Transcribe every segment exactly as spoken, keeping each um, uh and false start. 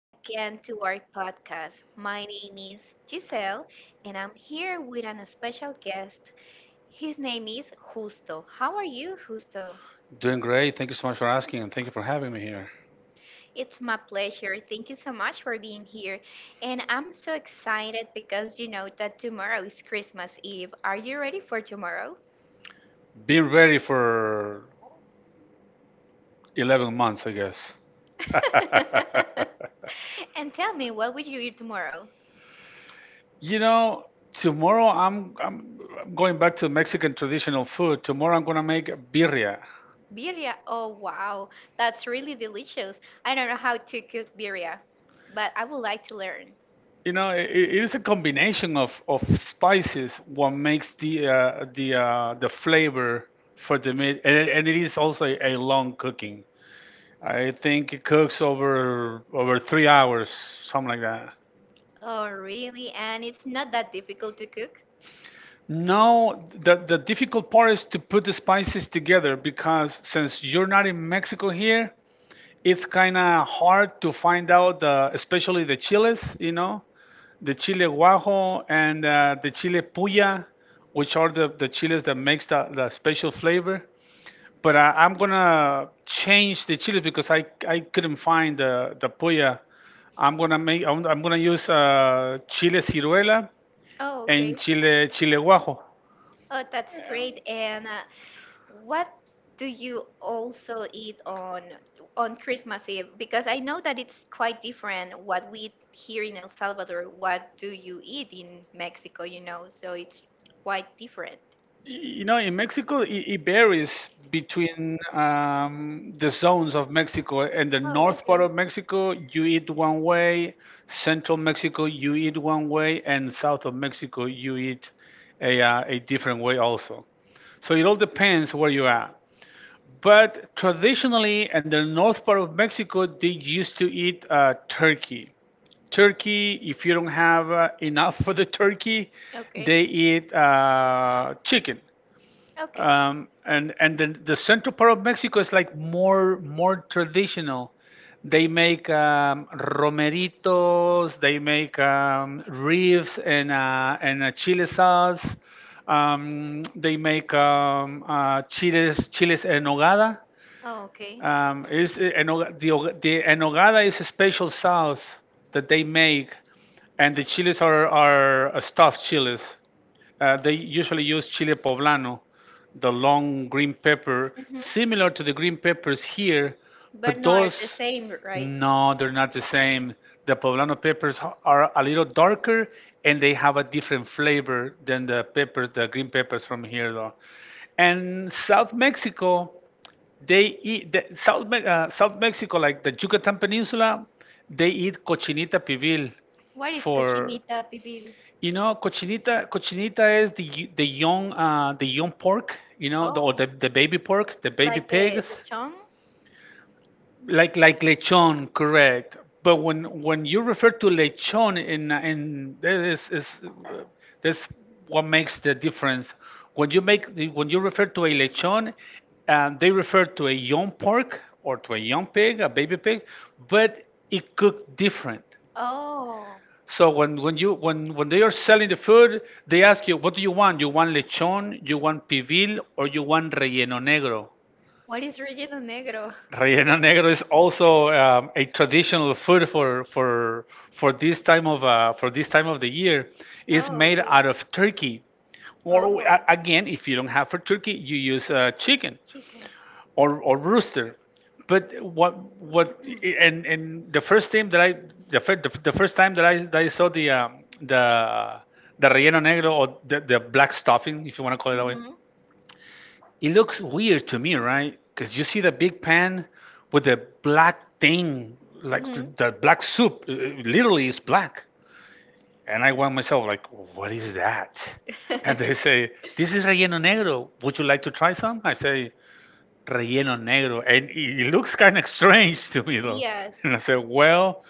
again to our podcast. My name is Giselle and I'm here with an special guest. His name is Justo. How are you, Justo? Doing great. Thank you so much for asking, and thank you for having me here. It's my pleasure. Thank you so much for being here. And I'm so excited because you know that tomorrow is Christmas Eve. Are you ready for tomorrow? Been ready for eleven months, I guess. and tell me, what will you eat tomorrow? you know, Tomorrow I'm, I'm I'm going back to Mexican traditional food. Tomorrow I'm going to make birria. Birria. Oh wow, that's really delicious. I don't know how to cook birria, but I would like to learn. You know, it, it is a combination of, of spices what makes the uh, the uh, the flavor for the meat, and, it- and it is also a, a long cooking. I think it cooks over over three hours, something like that. Oh really? And it's not that difficult to cook? No, the, the difficult part is to put the spices together because since you're not in Mexico here, it's kind of hard to find out, the, especially the chiles, you know, the chile guajo and uh, the chile puya, which are the, the chiles that makes the, the special flavor. But I, I'm gonna change the chile because I, I couldn't find the, the puya. I'm gonna make I'm, I'm gonna use uh, chile ciruela Oh, and okay. chile chile guajo. Oh, that's great. And uh, what do you also eat on on Christmas Eve? Because I know that it's quite different what we eat here in El Salvador. What do you eat in Mexico? You know, so it's quite different. You know, in Mexico, it, it varies between um, the zones of Mexico. In the Oh, north okay. part of Mexico, you eat one way. Central Mexico, you eat one way, and south of Mexico, you eat a, uh, a different way also. So it all depends where you are. But traditionally, in the north part of Mexico, they used to eat uh, turkey. Turkey, if you don't have uh, enough for the turkey, they Okay. eat uh, chicken, Okay. um, and and then the central part of Mexico is like more more traditional. They make um, romeritos, they make um, ribs and uh, and a chile sauce. Um, they make um, uh, chiles chiles en nogada. Oh, okay. Um, is the og- the enogada is a special sauce that they make, and the chiles are are uh, stuffed chiles. Uh, they usually use chile poblano, the long green pepper, hmm similar to the green peppers here, But but no, are those the same, right? no, they're not the same. The poblano peppers h- are a little darker and they have a different flavor than the peppers, the green peppers from here though. And South Mexico they eat the, South Me- uh, South Mexico, like the Yucatan Peninsula. They eat cochinita pibil, What is for cochinita pibil? you know cochinita. Cochinita is the y- the young uh, the young pork. You know the, or Oh, the the baby pork, the baby like the, pigs the chong? like like lechon, correct. But when when you refer to lechon in in that is is uh, that's what makes the difference. When you make the- when you refer to a lechon, um, they refer to a young pork or to a young pig, a baby pig, but it cooked different. Oh, So when, when you when when they are selling the food, they ask you, what do you want? You want lechon, you want pibil? Or you want relleno negro? what is relleno negro? Relleno negro is also um, a traditional food for for for this time of uh, for this time of the year. It's Oh, made okay. out of turkey, or Oh, uh, again, if you don't have for turkey, you use uh, chicken chicken. or or rooster. But what what and and the first time that I the first the the first time that I that I saw the um, the the relleno negro or the, the black stuffing, if you want to call it that way, Mm-hmm. it looks weird to me, right? Because you see the big pan with the black thing, like Mm-hmm. the black soup, uh, uh, literally is black. And I want myself like, what is that? And they say, this is relleno negro. Would you like to try some? I say, relleno negro. And it it looks kind of strange to me though. Yes. And I say, well,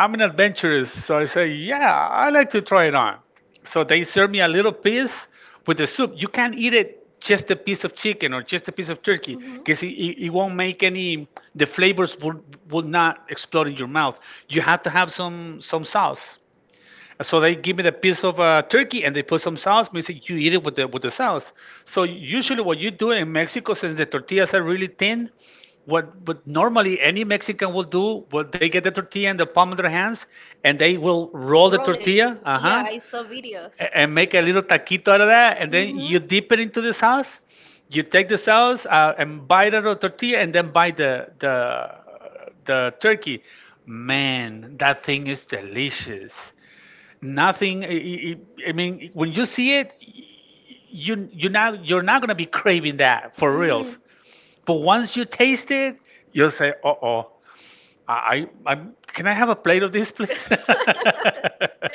I'm an adventurous, so I say, yeah, I like to try it on. So they serve me a little piece with the soup. You can't eat it just a piece of chicken or just a piece of turkey Mm-hmm. because it, it, it won't make any. The flavors will will not explode in your mouth. You have to have some some sauce. So they give me the piece of uh, turkey and they put some sauce. Means that you eat it with the with the sauce. So usually what you do in Mexico, since the tortillas are really thin, what what normally any Mexican will do, what they get the tortilla in the palm of their hands and they will roll the Roll it. tortilla, uh Yeah, huh, I saw videos. a- and make a little taquito out of that, and then you Mhm. dip it into the sauce. You take the sauce uh, and bite out of the tortilla, and then bite the the the turkey. Man, that thing is delicious nothing. I i- I mean, when you see it, you you not you're not gonna be craving that for Mhm. reals. But once you taste it, you'll say, "Uh oh, I, I can I have a plate of this, please?"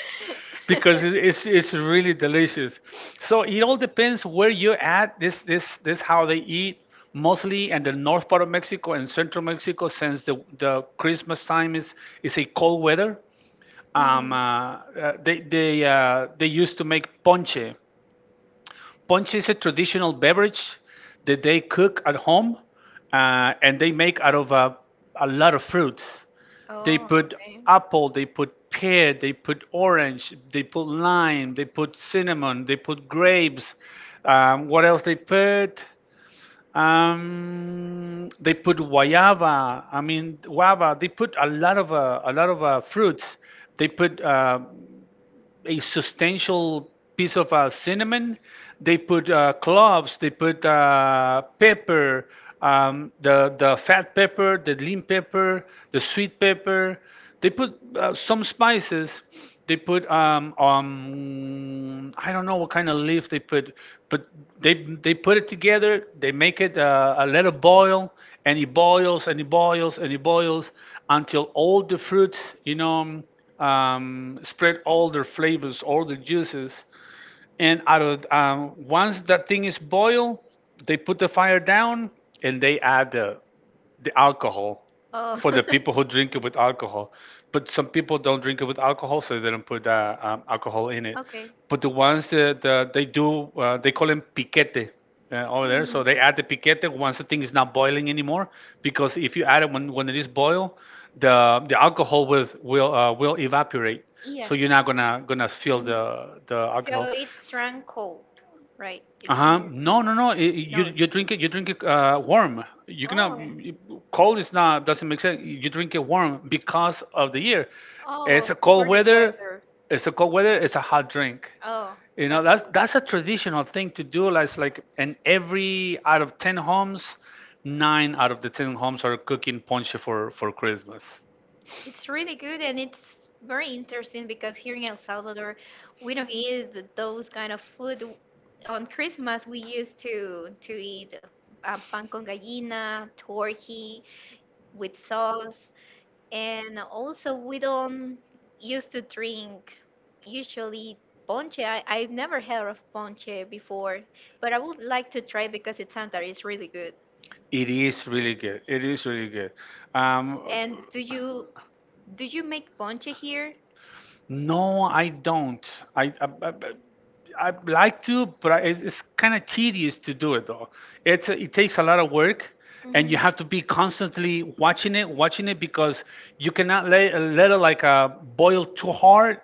Because it- it's it's really delicious. So it all depends where you're at. This this this how they eat mostly in the north part of Mexico and central Mexico since the the Christmas time is is a cold weather, um, uh, Mhm. uh, they they uh, they used to make ponche. Ponche is a traditional beverage that they cook at home, uh, and they make out of uh, a lot of fruits. They Oh, put okay. apple, they put pear, they put orange, they put lime, they put cinnamon, they put grapes. Um, what else they put? Um, they put guayaba. I mean, guava. They put a lot of uh, a lot of uh, fruits. They put uh, a substantial piece of uh, cinnamon. They put uh, cloves. They put uh, pepper, um, the the fat pepper, the lean pepper, the sweet pepper. They put uh, some spices. They put um, um I don't know what kind of leaves they put, but they they put it together. They make it uh, uh, let it boil, and it boils and it boils and it boils until all the fruits, you know, um, spread all their flavors, all the juices. And out of um, once that thing is boiled, they put the fire down and they add the the alcohol Oh. for the people who drink it with alcohol. But some people don't drink it with alcohol, so they don't put uh, um, alcohol in it. Okay. But the ones that uh, they do, uh, they call them piquete uh, over there. So hmm they add the piquete once the thing is not boiling anymore, because if you add it when, when it is boiled, the the alcohol will will uh, will evaporate. Yes. So you're not gonna gonna feel hmm the the So alcohol. it's strong cold, right? It's Uh-huh. n- No, n- no, no. I- I- you no. you drink it. You drink it uh, warm. You cannot. Oh, you- you- Cold is not. Doesn't make sense. You drink it warm because of the year. oh, It's a cold for the weather. weather. It's a cold weather. It's a hot drink. Oh, You know that's that's cool. that's a traditional thing to do. Like it's like in every out of ten homes, nine out of the ten homes are cooking ponche for for Christmas. It's really good and it's very interesting because here in El Salvador, we don't eat th- those kind of food. On Christmas, we used to to eat uh, pan con gallina, turkey, with sauce. And also, we don't used to drink usually ponche. I, I've never heard of ponche before, but I would like to try because it sounds that it's really good. It is really good. It is really good. Um, And do you do you make ponche here? No, I don't. I I, I, I I'd like to, but I, it's, it's kind of tedious to do it though. It's it takes a lot of work, and Mm-hmm. you have to be constantly watching it, watching it because you cannot let let it like uh, boil too hard.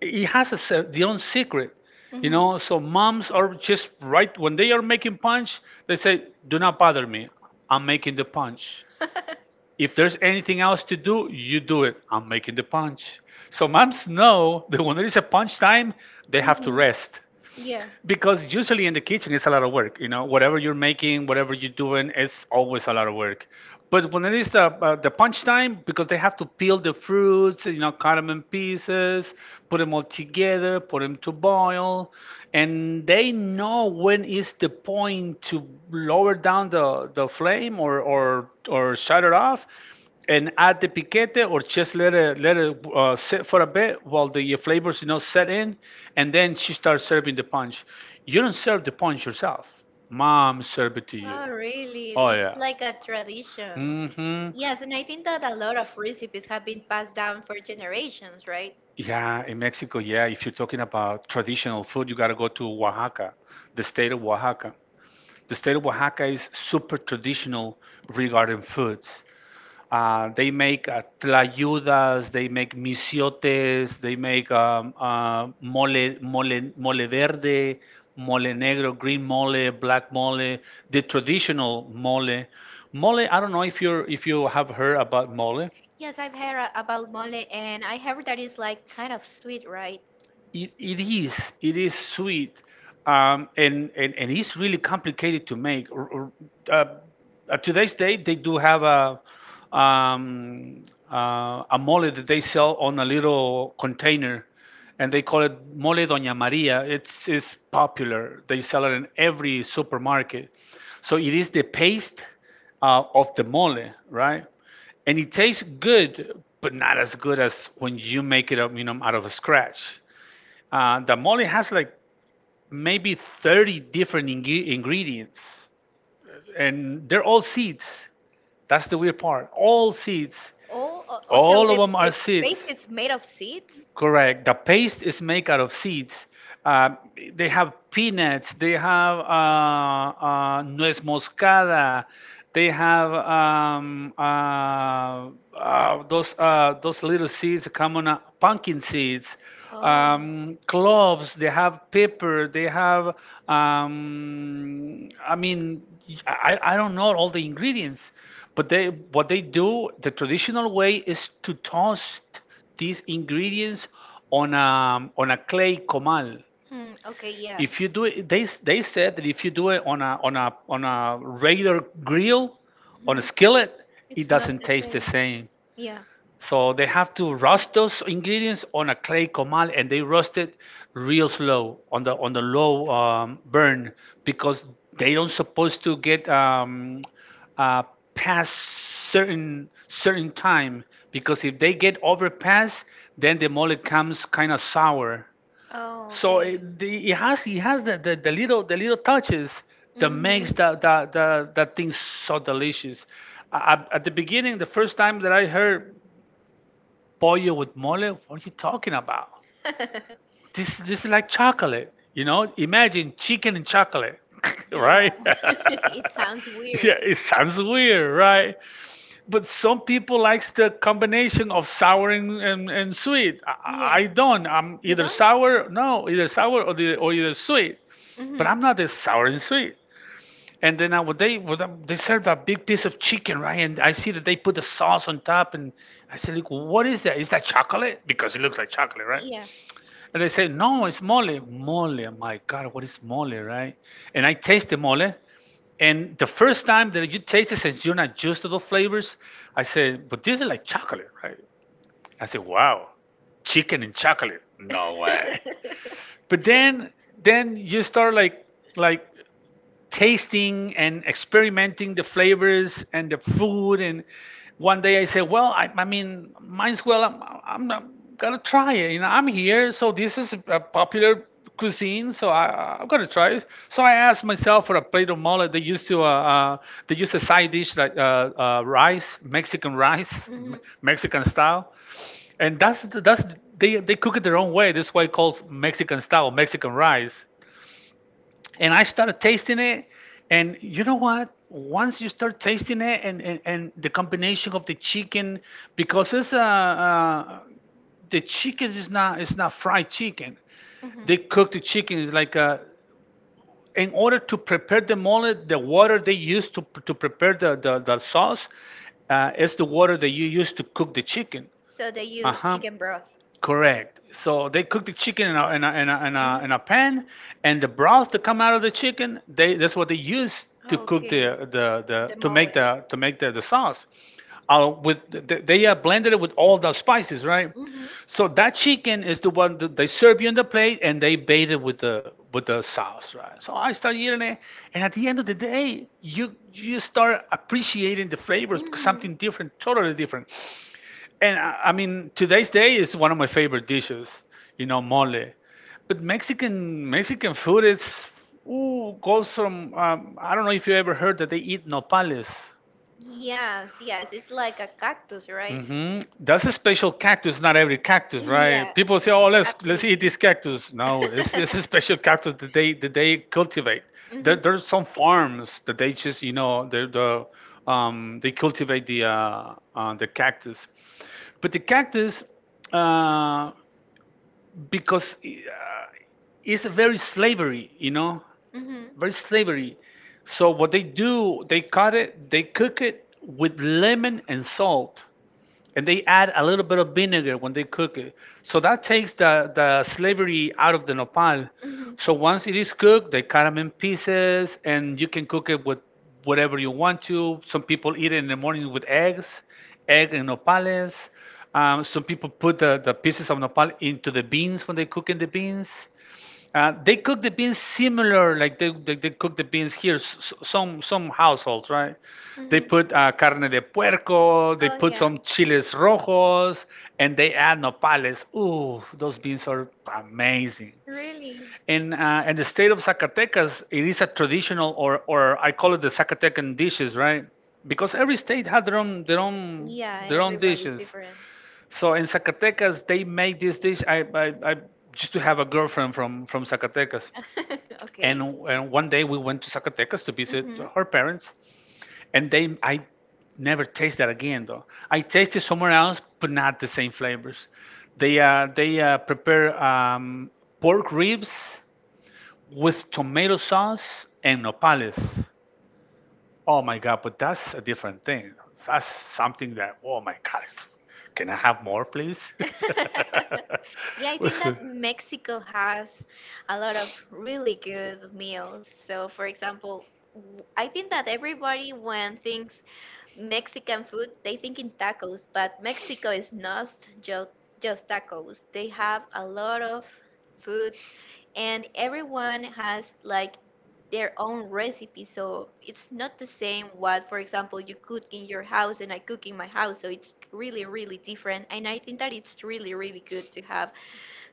It has a, se- their own secret, you Mm-hmm. know. So moms are just right when they are making punch, they say, "Do not bother me. I'm making the punch." If there's anything else to do, you do it. I'm making the punch. So moms know that when there is a punch time, they have to hmm rest. Yeah. Because usually in the kitchen it's a lot of work, you know, whatever you're making, whatever you're doing, it's always a lot of work. But when it is the uh, the punch time, because they have to peel the fruits, you know, cut them in pieces, put them all together, put them to boil, and they know when is the point to lower down the the flame or or or shut it off and add the piquete or just let it let it uh, sit for a bit while the flavors you know set in and then she starts serving the punch. You don't serve the punch yourself. Mom serve it to you. Oh, really? Oh It's yeah. like a tradition. Mm hmm. Yes, and I think that a lot of recipes have been passed down for generations, right? Yeah, in Mexico, yeah, if you're talking about traditional food, you got to go to Oaxaca, the state of Oaxaca. The state of Oaxaca is super traditional regarding foods. Uh, they make uh, tlayudas, they make misiotes, they make um, uh, mole, mole, mole verde, mole negro, green mole, black mole, the traditional mole. Mole, I don't know if you if you have heard about mole. Yes, I've heard a- about mole, and I heard that it's like kind of sweet, right? It, it is it is sweet, um, and, and and it's really complicated to make. Or, or, uh, at today's date, they do have a um, uh, a mole that they sell on a little container, and they call it mole Doña Maria. It's it's popular. They sell it in every supermarket. So it is the paste uh, of the mole, right? And it tastes good, but not as good as when you make it up, you know, out of a scratch. Uh, the mole has like maybe thirty different ing- ingredients, and they're all seeds. That's the weird part. All seeds. Oh, o- oh, so All of the, them are the, the seeds. base is made of seeds? Correct. The paste is made out of seeds. Uh, they have peanuts. They have uh, uh, nuez moscada. They have um, uh, uh, those uh, those little seeds come on uh, pumpkin seeds, Oh, um, cloves. They have pepper. They have. Um, I mean, I, I I don't know all the ingredients, but they what they do the traditional way is to toast these ingredients on a on a clay comal. hmm, okay, yeah. If you do it, they s- they said that if you do it on a on a on a regular grill, on a Mhm. skillet, it It's not doesn't the taste the same. same. Yeah. So they have to roast Mm. those ingredients on a clay comal, and they roast it real slow on the on the low um, burn because they don't supposed to get um, uh, past certain certain time because if they get overpass, then the mole comes kind of sour. Oh, So okay. it, the, it has it has the, the, the little the little touches that makes the the, the, the Mm-hmm. thing so delicious. I, at the beginning, the first time that I heard pollo with mole? What are you talking about? This this is like chocolate. You know, imagine chicken and chocolate, Yeah, right? Yeah, it sounds weird. it sounds weird, right? But some people likes the combination of sour and, and, and sweet. I, I Yes. don't. I'm You either don't? sour, no, either sour or the, or either sweet. But Mm-hmm. I'm not the sour and sweet. And then I would they would um, they served a big piece of chicken, right? And I see that they put the sauce on top, and I said, "Look, what is that? Is that chocolate? Because it looks like chocolate, right?" Yeah. And they say, no, it's mole. Mole, my God, what is mole, right? And I taste the mole. And the first time that you taste it, since you're not used to those flavors, I said, but this is like chocolate, right? I said, wow, chicken and chocolate. No way. But then then you start like like tasting and experimenting the flavors and the food. And one day I said, well, I, I mean, mine's well, I'm, I'm not gonna try it. You know, I'm here, so this is a popular cuisine, so I, I'm gonna try it. So I asked myself for a plate of mole. They used to, uh, uh, they used a side dish like uh, uh, rice, Mexican rice, Mm-hmm. Me- Mexican style, and that's that's they they cook it their own way. That's why it calls Mexican style Mexican rice. And I started tasting it. And you know what? Once you start tasting it, and and, and the combination of the chicken, because it's uh, uh the chicken is not, it's not fried chicken. Mm-hmm. They cook the chicken. It's like uh in order to prepare the mole, the water they use to to prepare the the, the sauce uh, is the water that you use to cook the chicken. So they Uh use huh. chicken broth. Correct. So they cook the chicken in a, in a, in a, in a, Mhm. in a pan, and the broth that come out of the chicken, they that's what they use to cook Okay, the the, the the to mole. make the to make the, the sauce. Uh, with they, they uh, blended it with all the spices, right? Mm-hmm. So that chicken is the one that they serve you on the plate, and they bait it with the with the sauce, right? So I started eating it, and at the end of the day, you you start appreciating the flavors because Mm-hmm. something different, totally different. And I, I mean, today's day is one of my favorite dishes, you know, mole. But Mexican Mexican food is ooh, goes from um, I don't know if you ever heard that they eat nopales. Yes, yes, it's like a cactus, right? Hmm. That's a special cactus, not every cactus, right? Yeah, People say, "Oh, let's let's eat absolutely. this cactus." No, it's, it's a special cactus that they that they cultivate. There, Mhm. there's some farms that they just you know the the um, they cultivate the uh, uh, the cactus, but the cactus uh, because uh, it's a very slavery, you know. Mhm. Very slavery. So what they do, they cut it, they cook it with lemon and salt, and they add a little bit of vinegar when they cook it. So that takes the the slavery out of the nopal. Mhm. So once it is cooked, they cut them in pieces, and you can cook it with whatever you want to. Some people eat it in the morning with eggs, egg and nopales. Um, some people put the, the pieces of nopal into the beans when they cook in the beans. Uh, they cook the beans similar, like they, they, they cook the beans here. s- s- Some some households, right? They Hmm put uh, carne de puerco, they Oh put yeah. some chiles rojos, and they add nopales. Ooh, those beans are amazing. Really? In uh, in the state of Zacatecas, it is a traditional, or or I call it the Zacatecan dishes, right? Because every state had their own their own Yeah, their own everybody's dishes. different. So in Zacatecas, they make this dish. I I, I used to have a girlfriend from from Zacatecas, Okay. and, and one day we went to Zacatecas to visit hmm her parents, and they I never tasted that again though. I tasted somewhere else, but not the same flavors. They uh, they uh, prepare um, pork ribs with tomato sauce and nopales. Oh my God, but that's a different thing. That's something that, oh my God, it's- can I have more, please? Yeah, I think What's that it? Mexico has a lot of really good meals. So, for example, w- I think that everybody when thinks Mexican food, they think in tacos, but Mexico is not just just tacos. They have a lot of foods, and everyone has like their own recipe, so it's not the same what for example you cook in your house and I cook in my house, so it's really really different. And I think that it's really really good to have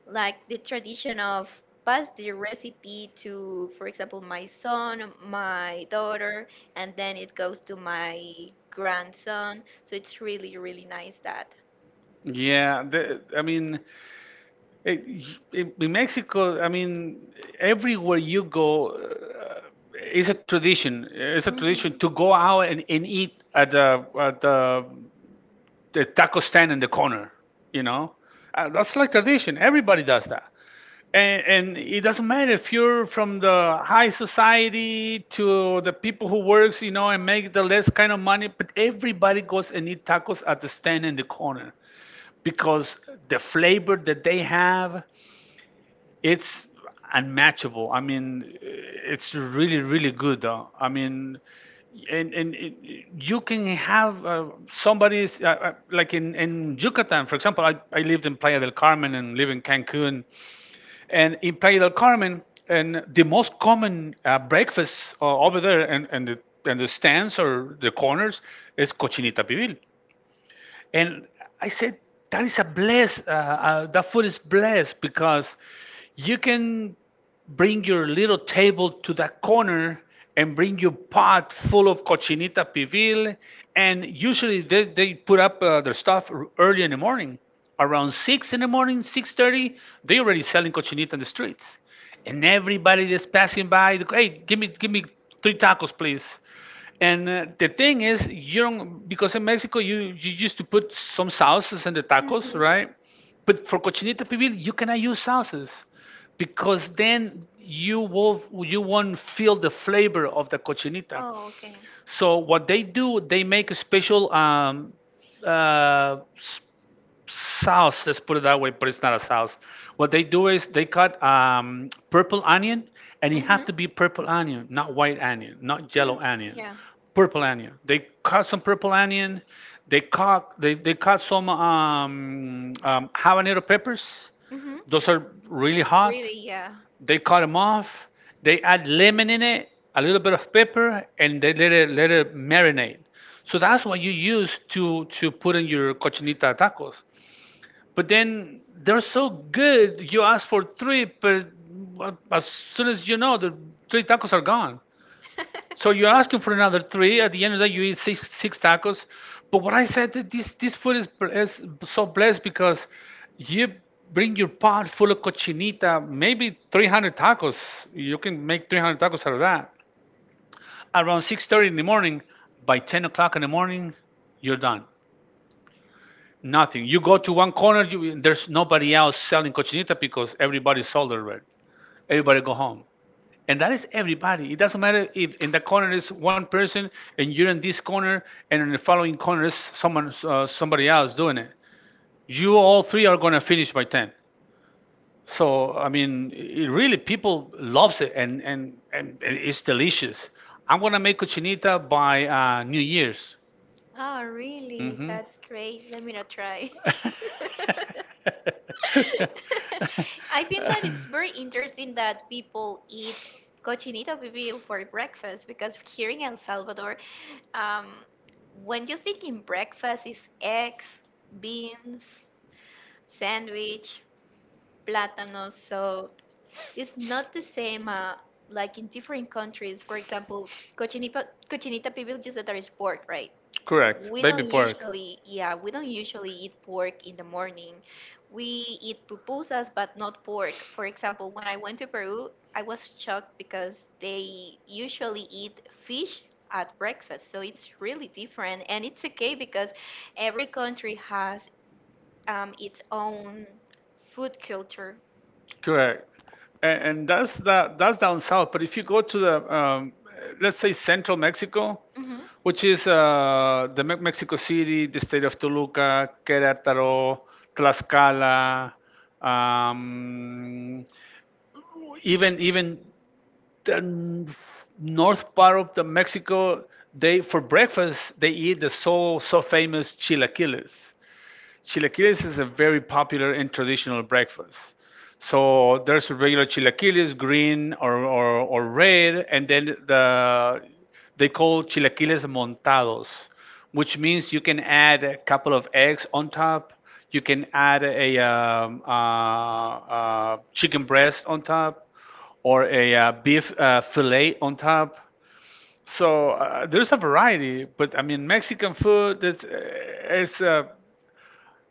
like the tradition of pass the recipe to, for example, my son, my daughter, and then it goes to my grandson, so it's really really nice that. Yeah, the, I mean, it, in in Mexico, I mean, everywhere you go, uh, it's a tradition. It's a tradition to go out and, and eat at the at Mhm. the the taco stand in the corner, you know? Uh, that's like tradition. Everybody does that. And, and it doesn't matter if you're from the high society to the people who works, you know, and make the less kind of money, but everybody goes and eat tacos at the stand in the corner because the flavor that they have, it's unmatchable. I mean, it's really, really good. Uh, I mean, and and it, you can have uh, somebody's uh, uh, like in in Yucatan, for example. I, I lived in Playa del Carmen and live in Cancun, and in Playa del Carmen, and the most common uh, breakfast uh, over there, and and the and the stands or the corners is cochinita pibil, and I said, that is a bless. Uh, uh, that food is blessed because you can bring your little table to that corner and bring your pot full of cochinita pibil. And usually they, they put up uh, their stuff r- early in the morning. Around six in the morning, six thirty, they already selling cochinita in the streets. And everybody that's passing by, they go, hey, give me, give me three tacos, please. And uh, the thing is, you don't, because in Mexico you you used to put some sauces in the tacos, Mhm. right? But for cochinita pibil, you cannot use sauces because then you will you won't feel the flavor of the cochinita. Oh, okay. So what they do, they make a special um, uh, s- sauce. Let's put it that way, but it's not a sauce. What they do is they cut um, purple onion, and it Mhm. have to be purple onion, not white onion, not Hmm. yellow onion, Yeah. purple onion. They cut some purple onion. They cut they, they cut some um, um, habanero peppers. Mhm. Those are really hot. Really, yeah. They cut them off. They add lemon in it, a little bit of pepper, and they let it let it marinate. So that's what you use to to put in your cochinita tacos. But then they're so good, you ask for three, but as soon as you know, the three tacos are gone. So you're asking for another three. At the end of the day, you eat six six tacos. But what I said that this this food is, bl- is so blessed because you bring your pot full of cochinita, maybe three hundred tacos. You can make three hundred tacos out of that. Around six thirty in the morning, by ten o'clock in the morning, you're done. Nothing. You go to one corner, you, there's nobody else selling cochinita because everybody sold already. Everybody go home. And that is everybody. It doesn't matter if in the corner is one person and you're in this corner and in the following corner is someone, uh, somebody else doing it. You all three are going to finish by ten. So, I mean, it really, people loves it and, and, and it's delicious. I'm going to make cochinita by uh, New Year's. Oh, really? Mm-hmm. That's great. Let me not try. I think that it's very interesting that people eat cochinita pibil for breakfast because here in El Salvador, um, when you think in breakfast, it's eggs, beans, sandwich, plátano. So it's not the same uh, like in different countries. For example, cochinita, cochinita pibil, just that there is pork, right? Correct. We don't Baby pork. usually, yeah, we don't usually eat pork in the morning. We eat pupusas, but not pork. For example, when I went to Peru, I was shocked because they usually eat fish at breakfast. So it's really different. And it's okay because every country has um, its own food culture. Correct. And, and that's the, that's down south. But if you go to the, um, let's say central Mexico, hmm which is uh, the Me- Mexico City, the state of Toluca, Querétaro, Tlaxcala, um, even even the n- north part of the Mexico, they for breakfast they eat the so so famous chilaquiles. Chilaquiles is a very popular and traditional breakfast. So there's regular chilaquiles, green or, or, or red, and then the they call chilaquiles montados, which means you can add a couple of eggs on top. You can add a um, uh, uh, chicken breast on top, or a uh, beef uh, fillet on top. So uh, there's a variety, but I mean Mexican food is uh, it's uh,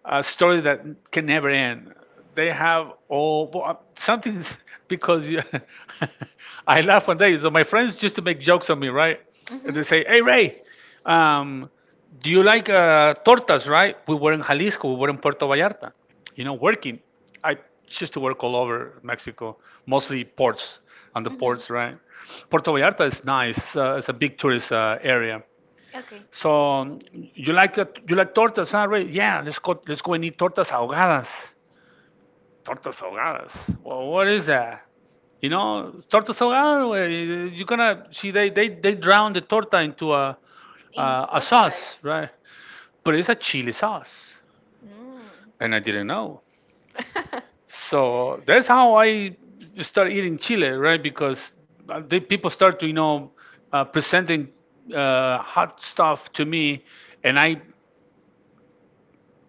a story that can never end. They have all well, uh, something because you, I laugh one day. So my friends used to make jokes on me, right? And hmm they say, "Hey Ray, um, do you like uh, tortas?" Right? We were in Jalisco. We were in Puerto Vallarta. You know, working. I used to work all over Mexico, mostly ports on the Mm-hmm. ports, right? Puerto Vallarta is nice. It's, uh, it's a big tourist uh, area. Okay. So um, you like uh, you like tortas, huh, Ray? Yeah, let's go let's go and eat tortas ahogadas. Tortas ahogadas. Well, what is that? You know, tortas ahogadas, where You're gonna see they they they drown the torta into a In a, a sauce, right? sauce, right? But it's a chili sauce, Mm. and I didn't know. So that's how I started eating chili, right? Because uh, the people start to you know uh, presenting uh, hot stuff to me, and I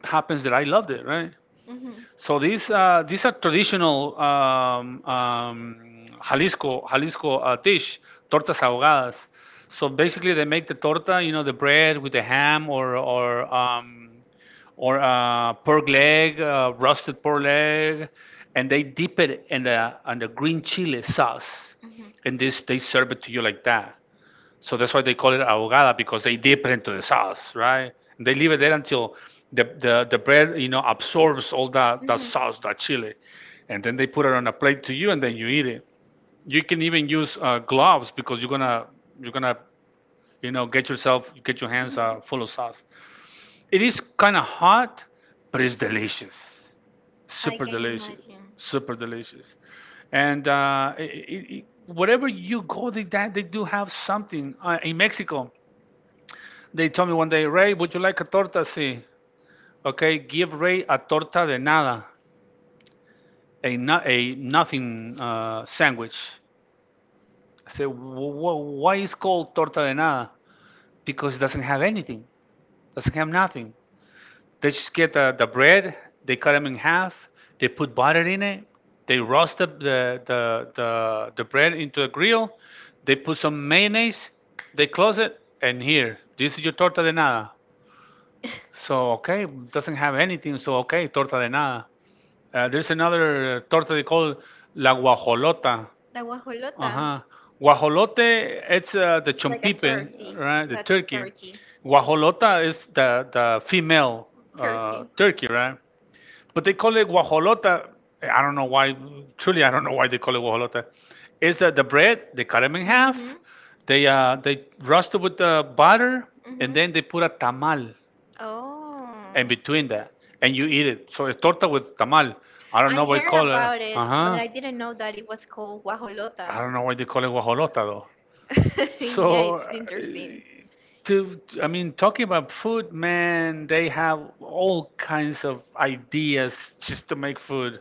happens that I loved it, right? Mm-hmm. Mm-hmm. So these uh, these are traditional um, um, Jalisco Jalisco uh, dish, tortas ahogadas. So basically, they make the torta, you know, the bread with the ham or or um, or uh, pork leg, uh, roasted pork leg, and they dip it in the on the green chili sauce, Mm-hmm. hmm and this they serve it to you like that. So that's why they call it ahogada because they dip it into the sauce, right? And they leave it there until the, the, the bread, you know, absorbs all that, that sauce, that chili. And then they put it on a plate to you and then you eat it. You can even use uh, gloves because you're gonna you're gonna you know get yourself get your hands uh, full of sauce. It is kind of hot, but it's delicious, I super can delicious, imagine. super delicious. And uh, it, it, it- wherever you go, they that they do have something uh, in Mexico. They told me one day, Ray, would you like a torta? See, okay, give Ray a torta de nada, a no, a nothing uh, sandwich. I said, why is called torta de nada? Because it doesn't have anything, doesn't have nothing. They just get the, the bread, they cut them in half, they put butter in it, they roast the, the, the, the, the bread into a grill, they put some mayonnaise, they close it, and here, this is your torta de nada. So okay, doesn't have anything. So okay, torta de nada. Uh, there's another uh, torta they call la guajolota. La Uh guajolota, huh. Guajolote, it's uh, the like a chompipe, turkey, right? The like a turkey. turkey, Guajolota is the the female uh, turkey. turkey, right? But they call it guajolota. I don't know why. Truly, I don't know why they call it guajolota. Is that the bread? They cut them in half. Mhm, They uh, they roast it with the butter, mhm. and then they put a tamal Oh, and between that, and you eat it. So it's torta with tamal. I don't know I why heard call it. about it, Uh but huh. I didn't know that it was called I guajolota. don't know why they call it guajolota though. yeah, So, uh, it's interesting. to I mean, talking about food, man, they have all kinds of ideas just to make food.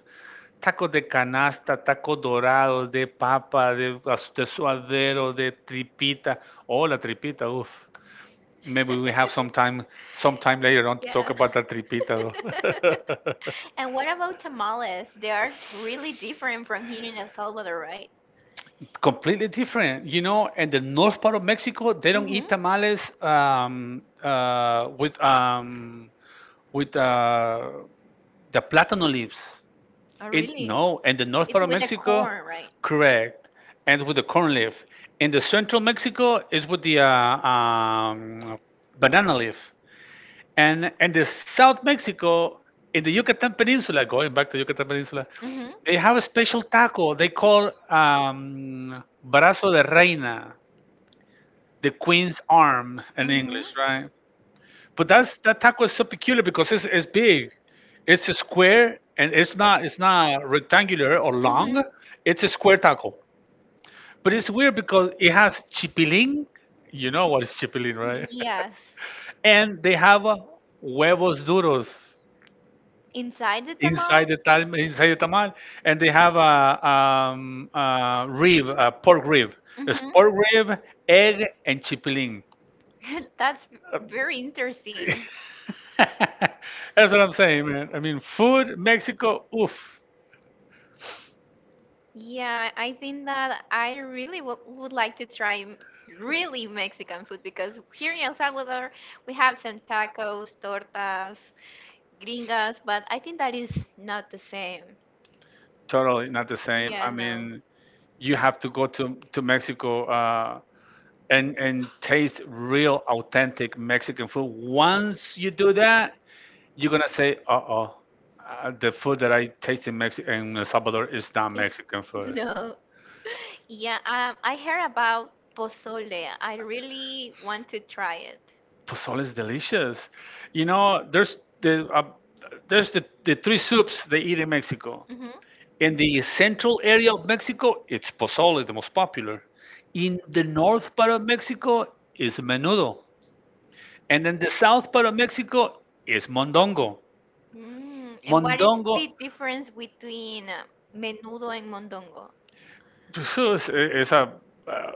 Taco de canasta, taco dorado, de papa, de, as- de suadero, de tripita. Oh, la tripita, uff. Maybe we have some time, some time later on to talk Yeah. about that tripita. And what about tamales? They are really different from here in El Salvador, right? Completely different, you know. In the north part of Mexico, they don't eat Mm-hmm. tamales um, uh, with um, with uh, the platano leaves. Oh, In, really? no, in the north part It's of with the Mexico, corn, right? correct, and with the corn leaf. In the central Mexico, is with the uh, um, banana leaf. And in the South Mexico, in the Yucatan Peninsula, going back to Yucatan Peninsula, Mm-hmm. they have a special taco they call um, brazo de reina, the queen's arm in Mm-hmm. English, right? But that's that taco is so peculiar because it's, it's big, it's a square and it's not it's not rectangular or long, Mm-hmm. it's a square taco. But it's weird because it has chipilín. You know what is chipilín, right? Yes. and they have uh, huevos duros Inside the tamal? inside the tam inside the tamal, and they have a, um, a rib, a pork rib, it's pork Mm-hmm. rib, egg, and chipilín. That's Uh, very interesting. That's what I'm saying, man. I mean, food, Mexico, oof, Yeah, I think that I really w would like to try m- really Mexican food because here in El Salvador we have some tacos, tortas, gringas, but I think that is not the same. totally not the same. Yeah, I no. mean, you have to go to to Mexico uh, and and taste real authentic Mexican food. Once you do that, you're gonna say, "Uh-oh, uh, the food that I taste in Mexico in El Salvador is not It's Mexican food." no. Yeah, um, I heard about pozole. I really want to try it. Pozole is delicious. You know, there's the uh, there's the, the three soups they eat in Mexico. hmm In the central area of Mexico, it's pozole, the most popular. In the north part of Mexico is menudo, and then the south part of Mexico is mondongo. Mm, and what is Mondongo, the difference between uh, menudo and mondongo? so it's, it's a uh,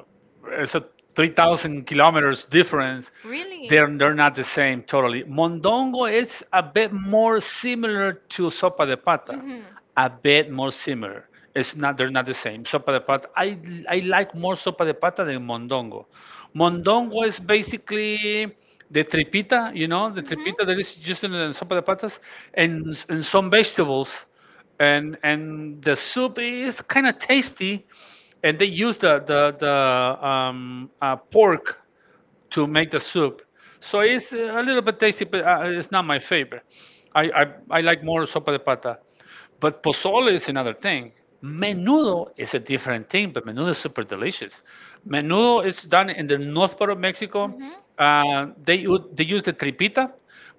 it's a three thousand kilometers difference. Really? They're they're not the same totally. Mondongo is a bit more similar to sopa de pata, Mm-hmm. a bit more similar. It's not they're not the same. Sopa de pata. I I like more sopa de pata than mondongo. Mondongo is basically the tripita, you know, the tripita that is used in the sopa de patas and and some vegetables and and the soup is kind of tasty and they use the the, the um, uh, pork to make Mm-hmm. the soup. So it's a little bit tasty, but uh, it's not my favorite. I, I, I like more sopa de pata. But pozole is another thing. Menudo is a different thing, but menudo is super delicious. Menudo is done in the north part of Mexico. Mhm. Uh, they, u- they use the tripita,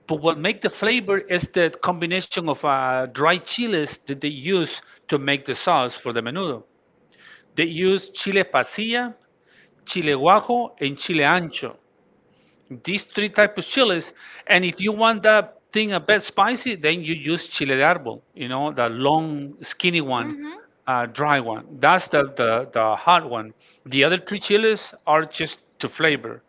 but what make the flavor is the combination of uh, dried chiles that they use to make the sauce for the menudo. They use chile pasilla, chile guajo, and chile ancho, these three types of chilies, and if you want that thing a bit spicy then you use chile de árbol, you know, the long skinny one, Mm-hmm. uh, dry one, that's the, the the hot one, the other three chilies are just to flavor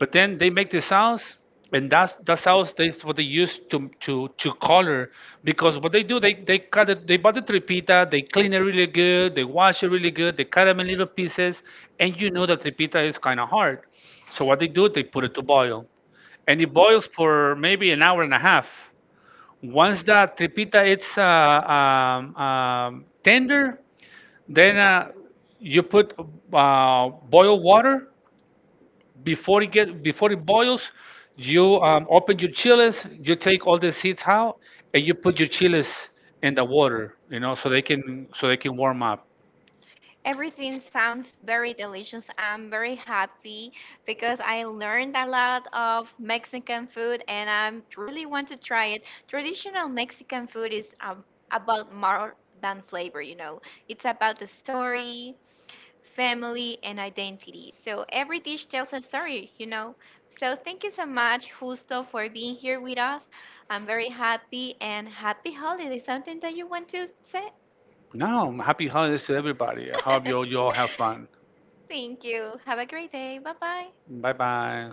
but then they make the sounds, and that's that's how that's what they use to to to color. Because what they do, they they cut it, they buy the tripita, they clean it really good, they wash it really good, they cut them in little pieces, and you know that tripita is kind of hard. So what they do, they put it to boil, and it boils for maybe an hour and a half. Once that tripita it's uh, um, um, tender, then uh, you put uh, boiled water, before it get before it boils you um, open your chiles, you take all the seeds out and you put your chiles in the water you know so they can so they can warm up. Everything sounds very delicious. I'm very happy because I learned a lot of Mexican food and I am really want to try it. Traditional Mexican food is um, about more than flavor, you know. It's about the story, family, and identity. So every dish tells a story, you know. So thank you so much, Justo, for being here with us. I'm very happy and happy holidays. Something that you want to say? Now happy holidays to everybody, I hope you all you all have fun. thank you. Have a great day. Bye bye. Bye bye.